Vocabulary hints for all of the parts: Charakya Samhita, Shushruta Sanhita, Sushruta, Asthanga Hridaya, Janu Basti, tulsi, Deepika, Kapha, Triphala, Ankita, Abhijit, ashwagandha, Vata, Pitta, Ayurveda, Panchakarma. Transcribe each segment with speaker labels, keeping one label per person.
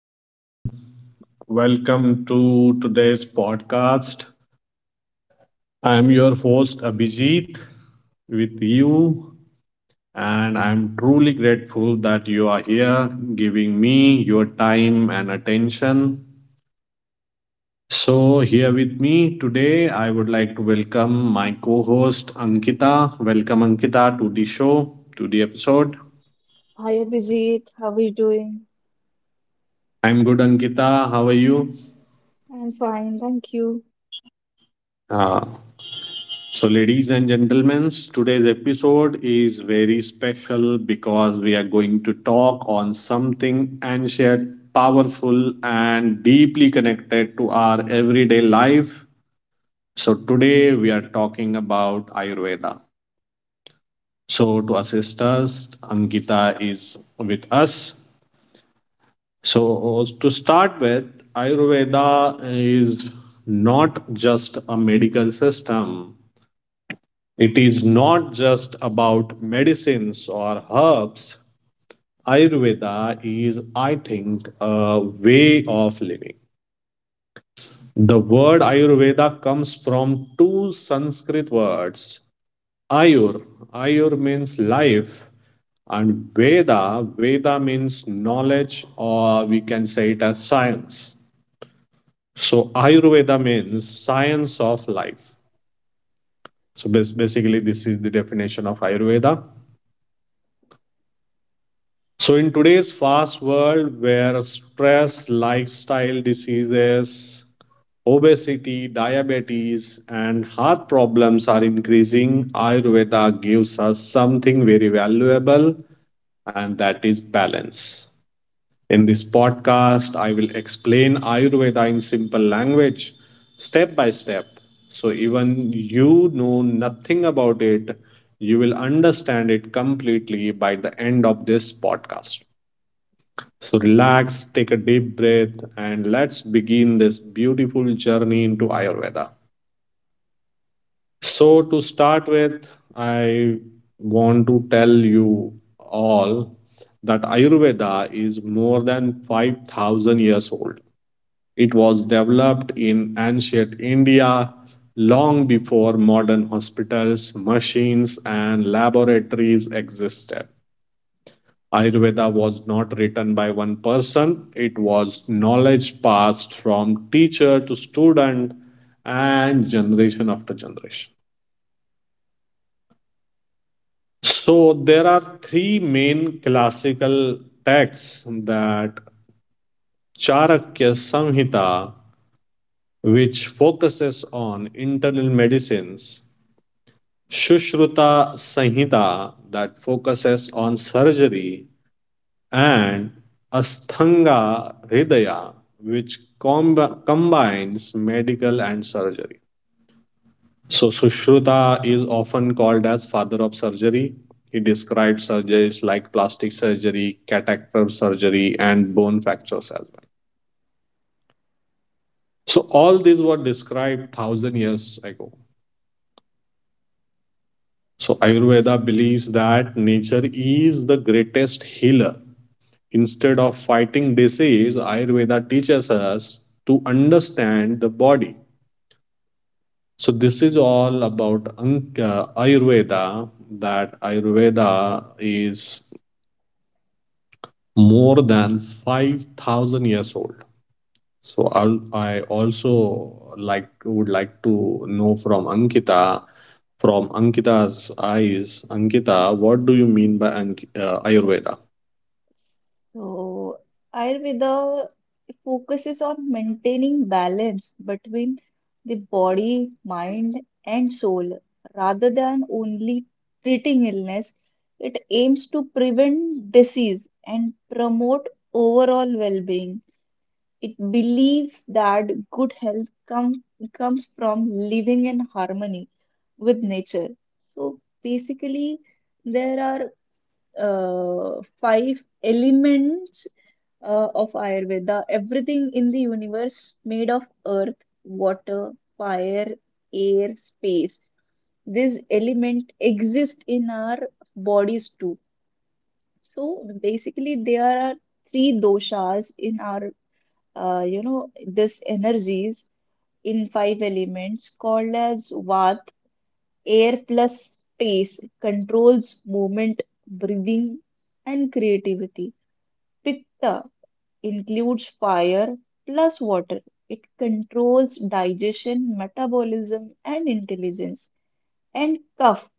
Speaker 1: everyone. Welcome to today's podcast. I'm your host, Abhijit, with you, and I'm truly grateful that you are here giving me your time and attention. So, here with me today, I would like to welcome my co host, Ankita. Welcome, Ankita, to the show, to the episode.
Speaker 2: Hi Abhijit, how are you doing?
Speaker 1: I'm good, Ankita. How are you?
Speaker 2: I'm fine, thank you.
Speaker 1: Ah. So, ladies and gentlemen, today's episode is very special because we are going to talk on something ancient, powerful, and deeply connected to our everyday life. So, today we are talking about Ayurveda. So, to assist us, Ankita is with us. So, to start with, Ayurveda is not just a medical system, it is not just about medicines or herbs. Ayurveda is, I think, a way of living. The word Ayurveda comes from two Sanskrit words. Ayur, Ayur means life, and Veda, Veda means knowledge, or we can say it as science. So Ayurveda means science of life. So basically, this is the definition of Ayurveda. So, in today's fast world where stress, lifestyle diseases, obesity, diabetes, and heart problems are increasing, Ayurveda gives us something very valuable, and that is balance. In this podcast, I will explain Ayurveda in simple language, step by step. So, even you know nothing about it, you will understand it completely by the end of this podcast. So relax, take a deep breath, and let's begin this beautiful journey into Ayurveda. So, to start with, I want to tell you all that Ayurveda is more than 5,000 years old. It was developed in ancient India long before modern hospitals, machines, and laboratories existed. Ayurveda was not written by one person, it was knowledge passed from teacher to student and generation after generation. So, there are three main classical texts that Charakya Samhita, which focuses on internal medicines, Shushruta Sanhita, that focuses on surgery, and Asthanga Hridaya, which combines medical and surgery. So, Sushruta is often called as father of surgery. He described surgeries like plastic surgery, cataract surgery, and bone fractures as well. So, all these were described thousand years ago. So, Ayurveda believes that nature is the greatest healer. Instead of fighting disease, Ayurveda teaches us to understand the body. So, this is all about Ayurveda, that Ayurveda is more than 5,000 years old. So, I also would like to know from Ankita, from Ankita's eyes, Ankita, what do you mean by Ayurveda?
Speaker 2: So, Ayurveda focuses on maintaining balance between the body, mind, and soul. Rather than only treating illness, it aims to prevent disease and promote overall well-being. It believes that comes from living in harmony with nature. So basically, there are five elements of Ayurveda. Everything in the universe made of earth, water, fire, air, space. These element exist in our bodies too. So basically, there are three doshas in our this energies in five elements called as Vata, air plus space controls movement, breathing, and creativity. Pitta includes fire plus water. It controls digestion, metabolism, and intelligence. And Kapha,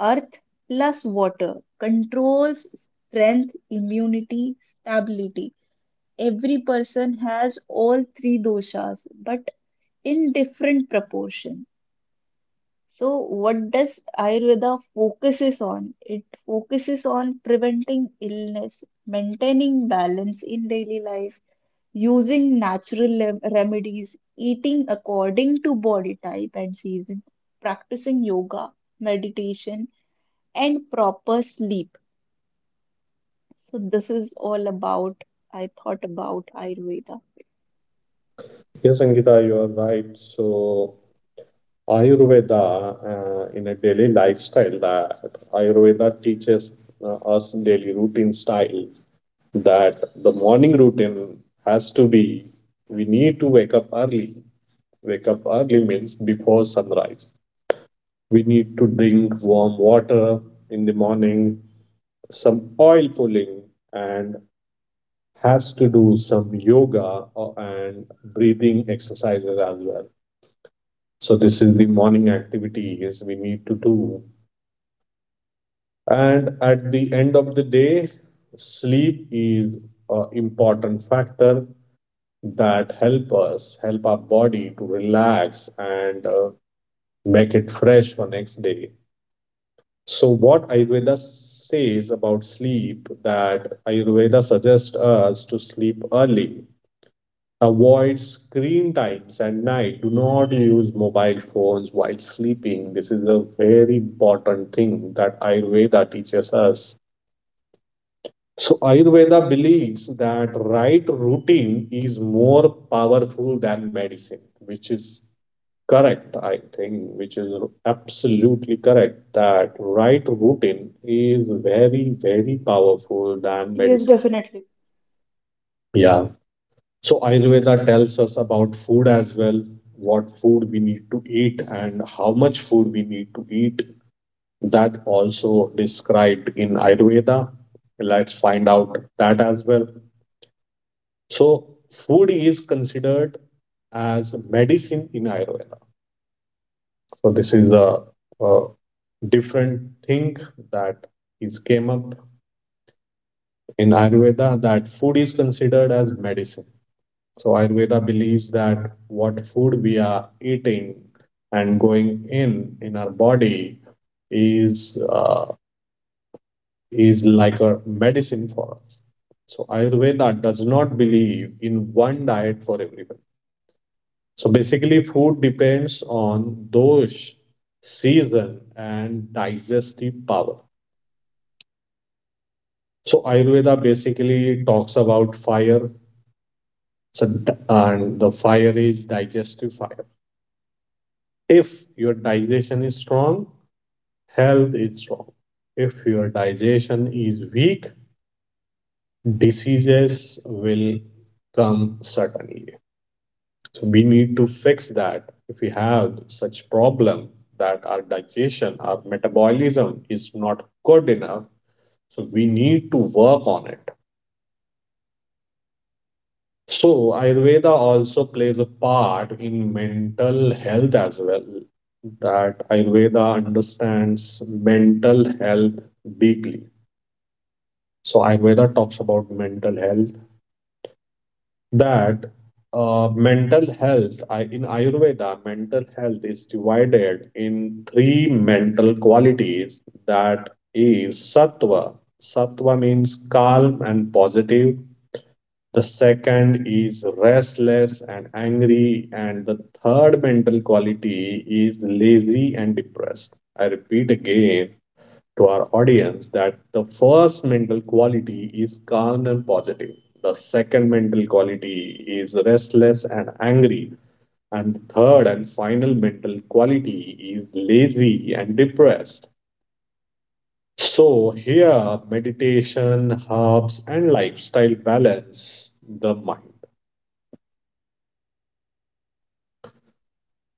Speaker 2: earth plus water, controls strength, immunity, stability. Every person has all three doshas, but in different proportion. So what does Ayurveda focuses on? It focuses on preventing illness, maintaining balance in daily life, using remedies, eating according to body type and season, practicing yoga, meditation, and proper sleep. So this is all about I thought about Ayurveda.
Speaker 1: Yes, Ankita, you are right. So, Ayurveda in a daily lifestyle that Ayurveda teaches us daily routine style that the morning routine has to be we need to wake up early. Wake up early means before sunrise. We need to drink warm water in the morning, some oil pulling, and has to do some yoga and breathing exercises as well. So this is the morning activities we need to do. And at the end of the day, sleep is an important factor that help our body to relax and make it fresh for next day. So what Ayurveda says about sleep that Ayurveda suggests us to sleep early. Avoid screen times at night. Do not use mobile phones while sleeping. This is a very important thing that Ayurveda teaches us. So Ayurveda believes that right routine is more powerful than medicine, which is correct, I think, which is absolutely correct that right routine is very, very powerful than
Speaker 2: Yes,
Speaker 1: medicine.
Speaker 2: definitely.
Speaker 1: Yeah. So Ayurveda tells us about food as well, what food we need to eat and how much food we need to eat. That also described in Ayurveda. Let's find out that as well. So food is considered as medicine in Ayurveda. So this is a different thing that is came up in Ayurveda that food is considered as medicine. So Ayurveda believes that what food we are eating and going in our body is uh, is like a medicine for us. So Ayurveda does not believe in one diet for everyone. So basically, food depends on dosh, season and digestive power. So Ayurveda basically talks about fire. So, and the fire is digestive fire. If your digestion is strong, health is strong. If your digestion is weak, diseases will come suddenly. So we need to fix that. If we have such problem that our digestion, our metabolism is not good enough, so we need to work on it. So Ayurveda also plays a part in mental health as well. That Ayurveda understands mental health deeply. So Ayurveda talks about mental health that in Ayurveda mental health is divided in three mental qualities that is sattva Sattva means calm and positive the second is restless and angry and the third mental quality is lazy and depressed I repeat again to our audience that the first mental quality is calm and positive. The second mental quality is restless and angry. And third and final mental quality is lazy and depressed. So, here meditation helps and lifestyle balance the mind.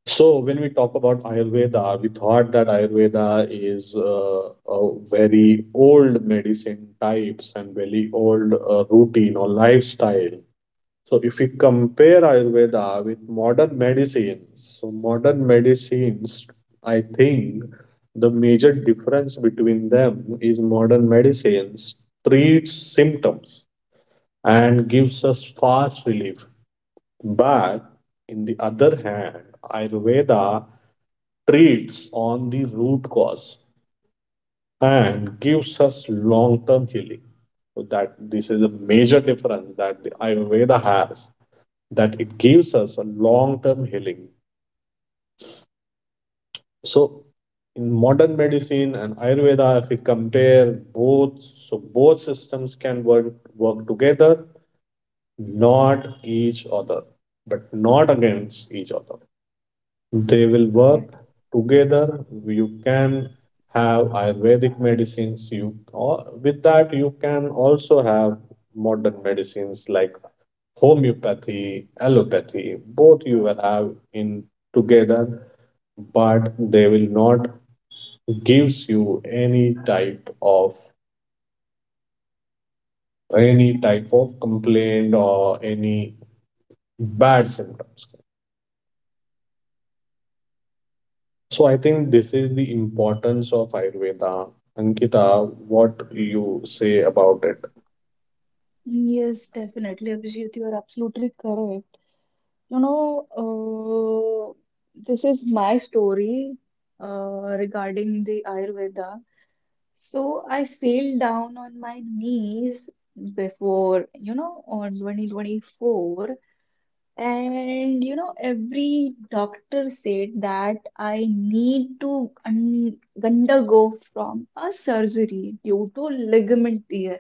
Speaker 1: So when we talk about Ayurveda, we thought that Ayurveda is a very old medicine types and very old routine or lifestyle. So if we compare Ayurveda with modern medicines, so modern medicines, I think the major difference between them is modern medicines treats symptoms and gives us fast relief. But in the other hand, Ayurveda treats on the root cause and gives us long term healing. So that this is a major difference that the Ayurveda has, that it gives us a long term healing. So in modern medicine and Ayurveda, if we compare both, so both systems can work together, not each other, but not against each other. They will work
Speaker 2: Correct.
Speaker 1: together. You can have ayurvedic medicines you or with that you can also have modern medicines like homeopathy, allopathy, both you will have in together, but they will not gives you any type of complaint or any bad symptoms. So I think this is the importance of Ayurveda. Ankita, what you say about it?
Speaker 2: Yes, definitely. Abhijit, you are absolutely correct. You know, this is my story regarding the Ayurveda. So I fell down on my knees before, you know, on 2024. And, you know, every doctor said that I need to un undergo from a surgery due to ligament tear.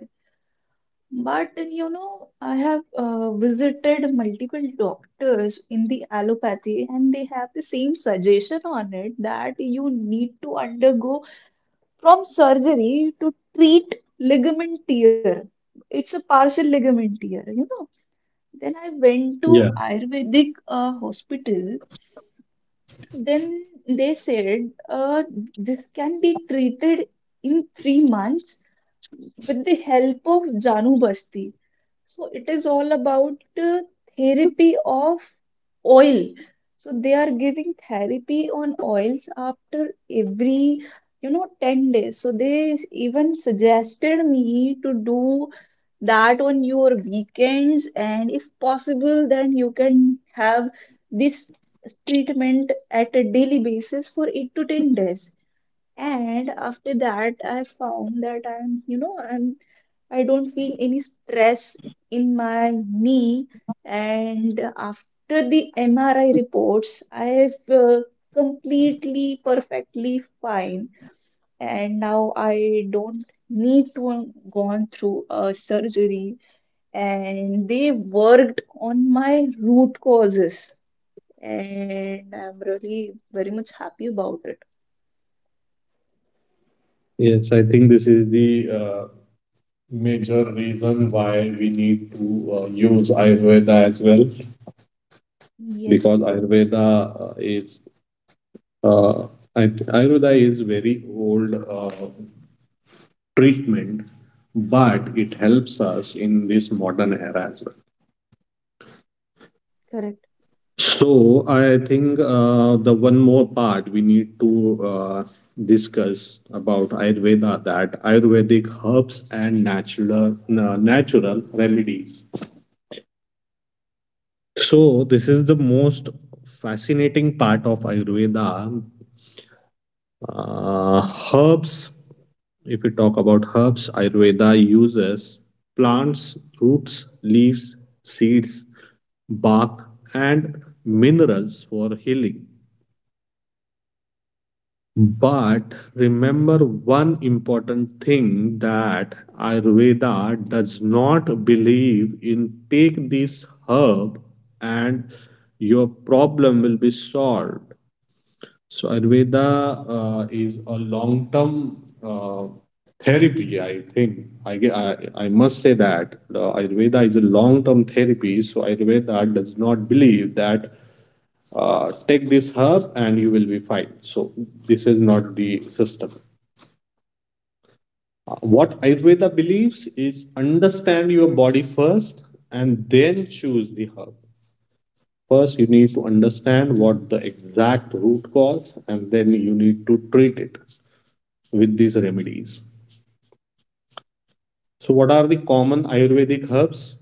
Speaker 2: But you know, I have visited multiple doctors in the allopathy, and they have the same suggestion on it that you need to undergo from surgery to treat ligament tear. It's a partial ligament tear, you know. Then I went to
Speaker 1: Yeah,
Speaker 2: Ayurvedic hospital. Then they said this can be treated in 3 months with the help of Janu Basti. So it is all about uh, therapy of oil. So they are giving therapy on oils after every, you know, 10 days. So they even suggested me to do that on your weekends, and if possible, then you can have this treatment at a daily basis for 8 to 10 days. And after that, I found that I'm, you know, I'm, I don't feel any stress in my knee. And after the MRI reports, I've completely, perfectly fine. And now I don't need to have gone through a surgery. And they worked on my root causes. And I'm really very much happy about it.
Speaker 1: yes, I think this is the major reason why we need to use Ayurveda as well,
Speaker 2: Yes,
Speaker 1: because Ayurveda uh, Ayurveda is very old treatment, but it helps us in this modern era as well.
Speaker 2: correct,
Speaker 1: So I think the one more part we need to discuss about Ayurveda that Ayurvedic herbs and natural natural remedies. So this is the most fascinating part of Ayurveda. Uh, herbs, if we talk about herbs, Ayurveda uses plants, roots, leaves, seeds, bark, and minerals for healing. But remember one important thing that Ayurveda does not believe in take this herb and your problem will be solved. So Ayurveda is a long-term therapy, I think. I must say that the Ayurveda is a long-term therapy. So Ayurveda does not believe that take this herb and you will be fine. So this is not the system. What Ayurveda believes is understand your body first and then choose the herb. First, you need to understand what the exact root cause, and then you need to treat it with these remedies. So, what are the common Ayurvedic herbs?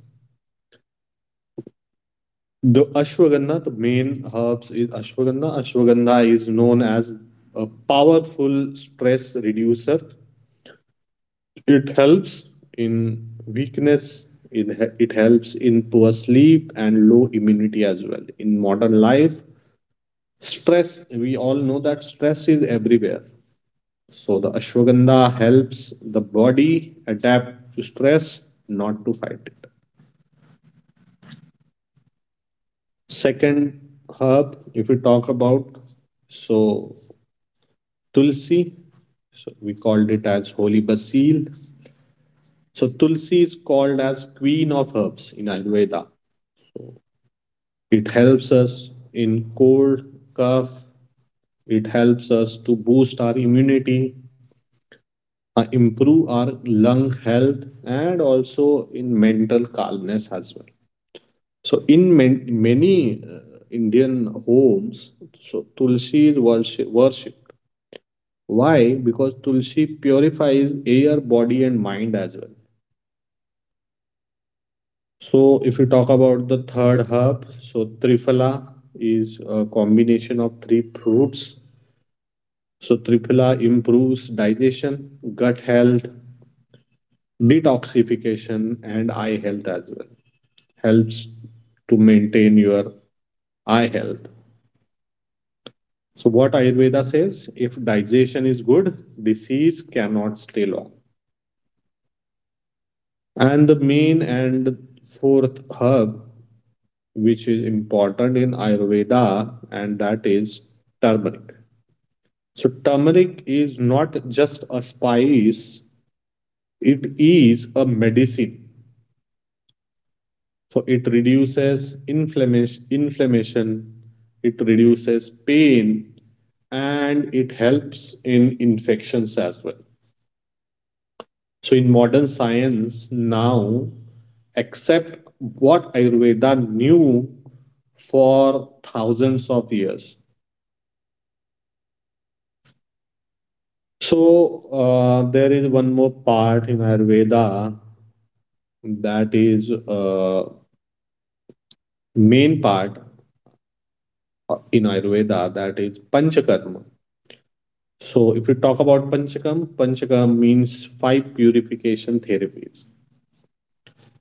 Speaker 1: The ashwagandha, the main herbs is ashwagandha. Ashwagandha is known as a powerful stress reducer. It helps in weakness, it, it helps in poor sleep and low immunity as well. In modern life, stress, we all know that stress is everywhere. So, the ashwagandha helps the body adapt to stress, not to fight it. Second herb, if we talk about, so tulsi, so we called it as holy basil. So tulsi is called as queen of herbs in Ayurveda. It helps us in cold, cough. It helps us to boost our immunity, improve our lung health, and also in mental calmness as well. So in many Indian homes, so tulsi is worshipped. Why? Because Tulsi purifies air, body, and mind as well. So, if you talk about the third herb, so Triphala is a combination of three fruits. So, Triphala improves digestion, gut health, detoxification, and eye health as well. Helps to maintain your eye health. So, what Ayurveda says if digestion is good, disease cannot stay long. And the main and fourth herb, which is important in Ayurveda, and that is turmeric. So, turmeric is not just a spice, it is a medicine. So, it reduces inflammation. It reduces pain, and it helps in infections as well. So, in modern science now, except what Ayurveda knew for thousands of years. So, there is one more part in Ayurveda that is main part in Ayurveda that is Panchakarma. So, if we talk about Panchakarma, Panchakarma means five purification therapies.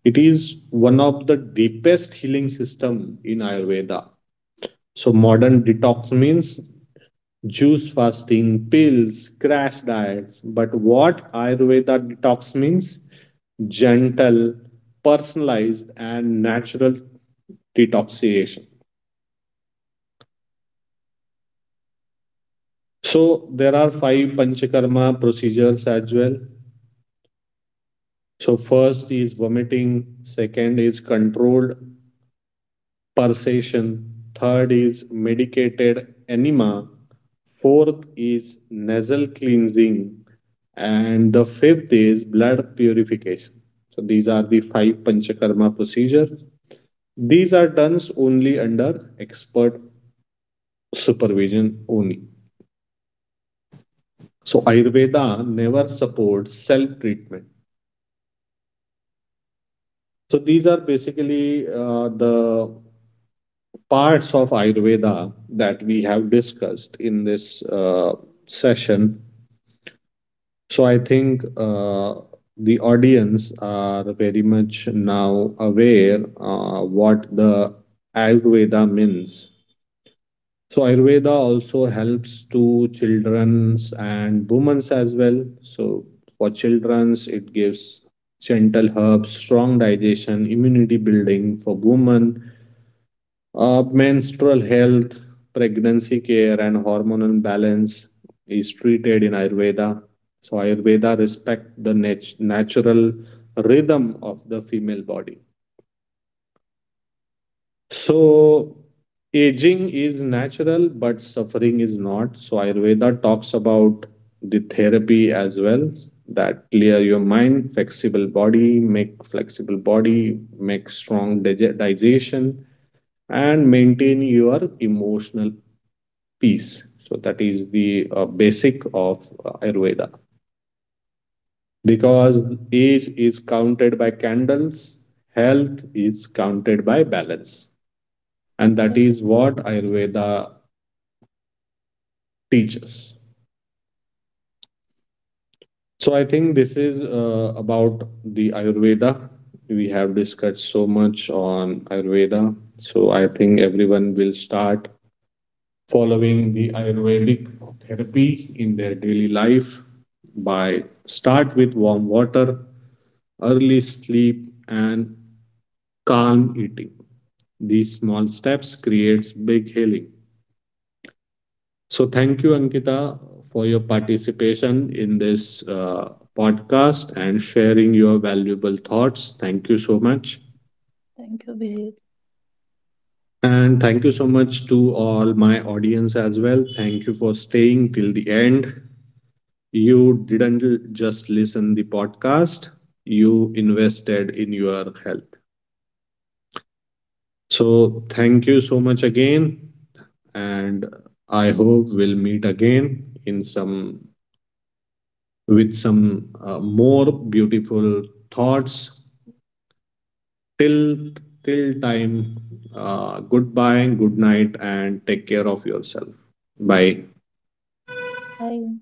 Speaker 1: It is one of the deepest healing system in Ayurveda. So modern detox means juice fasting, pills, crash diets. But what Ayurveda detox means? Gentle, personalized, and natural detoxification. So there are five panchakarma procedures as well. So first is vomiting, second is controlled pulsation. Third is medicated enema. Fourth is nasal cleansing. And the fifth is blood purification. So these are the five Panchakarma procedures. These are done only under expert supervision only. So Ayurveda never supports self treatment. So these are basically the parts of Ayurveda that we have discussed in this session. So I think the audience are very much now aware what the Ayurveda means. So Ayurveda also helps to children's and women's as well. So for children's, it gives gentle herbs, strong digestion, immunity building. For women, menstrual health, pregnancy care, and hormonal balance is treated in Ayurveda. So Ayurveda respect the natural rhythm of the female body. So aging is natural, but suffering is not. So Ayurveda talks about the therapy as well that clear your mind, flexible body, make make strong digestion, and maintain your emotional peace. So that is the basic of Ayurveda. Because age is counted by candles, health is counted by balance. And that
Speaker 2: correct.
Speaker 1: is what Ayurveda teaches. So I think this is about the Ayurveda. We have discussed so much on Ayurveda. So I think everyone will start following the Ayurvedic therapy in their daily life by start with warm water, early sleep, and calm eating. These small steps creates big healing. So thank you, Ankita, for your participation in this podcast and sharing your valuable thoughts. Thank you so much.
Speaker 2: Thank you, Abhijit.
Speaker 1: And thank you so much to all my audience as well. Thank you for staying till the end. You didn't just listen the podcast, you invested in your health. So thank you so much again. And I hope we'll meet again in some with some more beautiful thoughts. Till till time, goodbye, good night, and take care of yourself. Bye.
Speaker 2: Bye.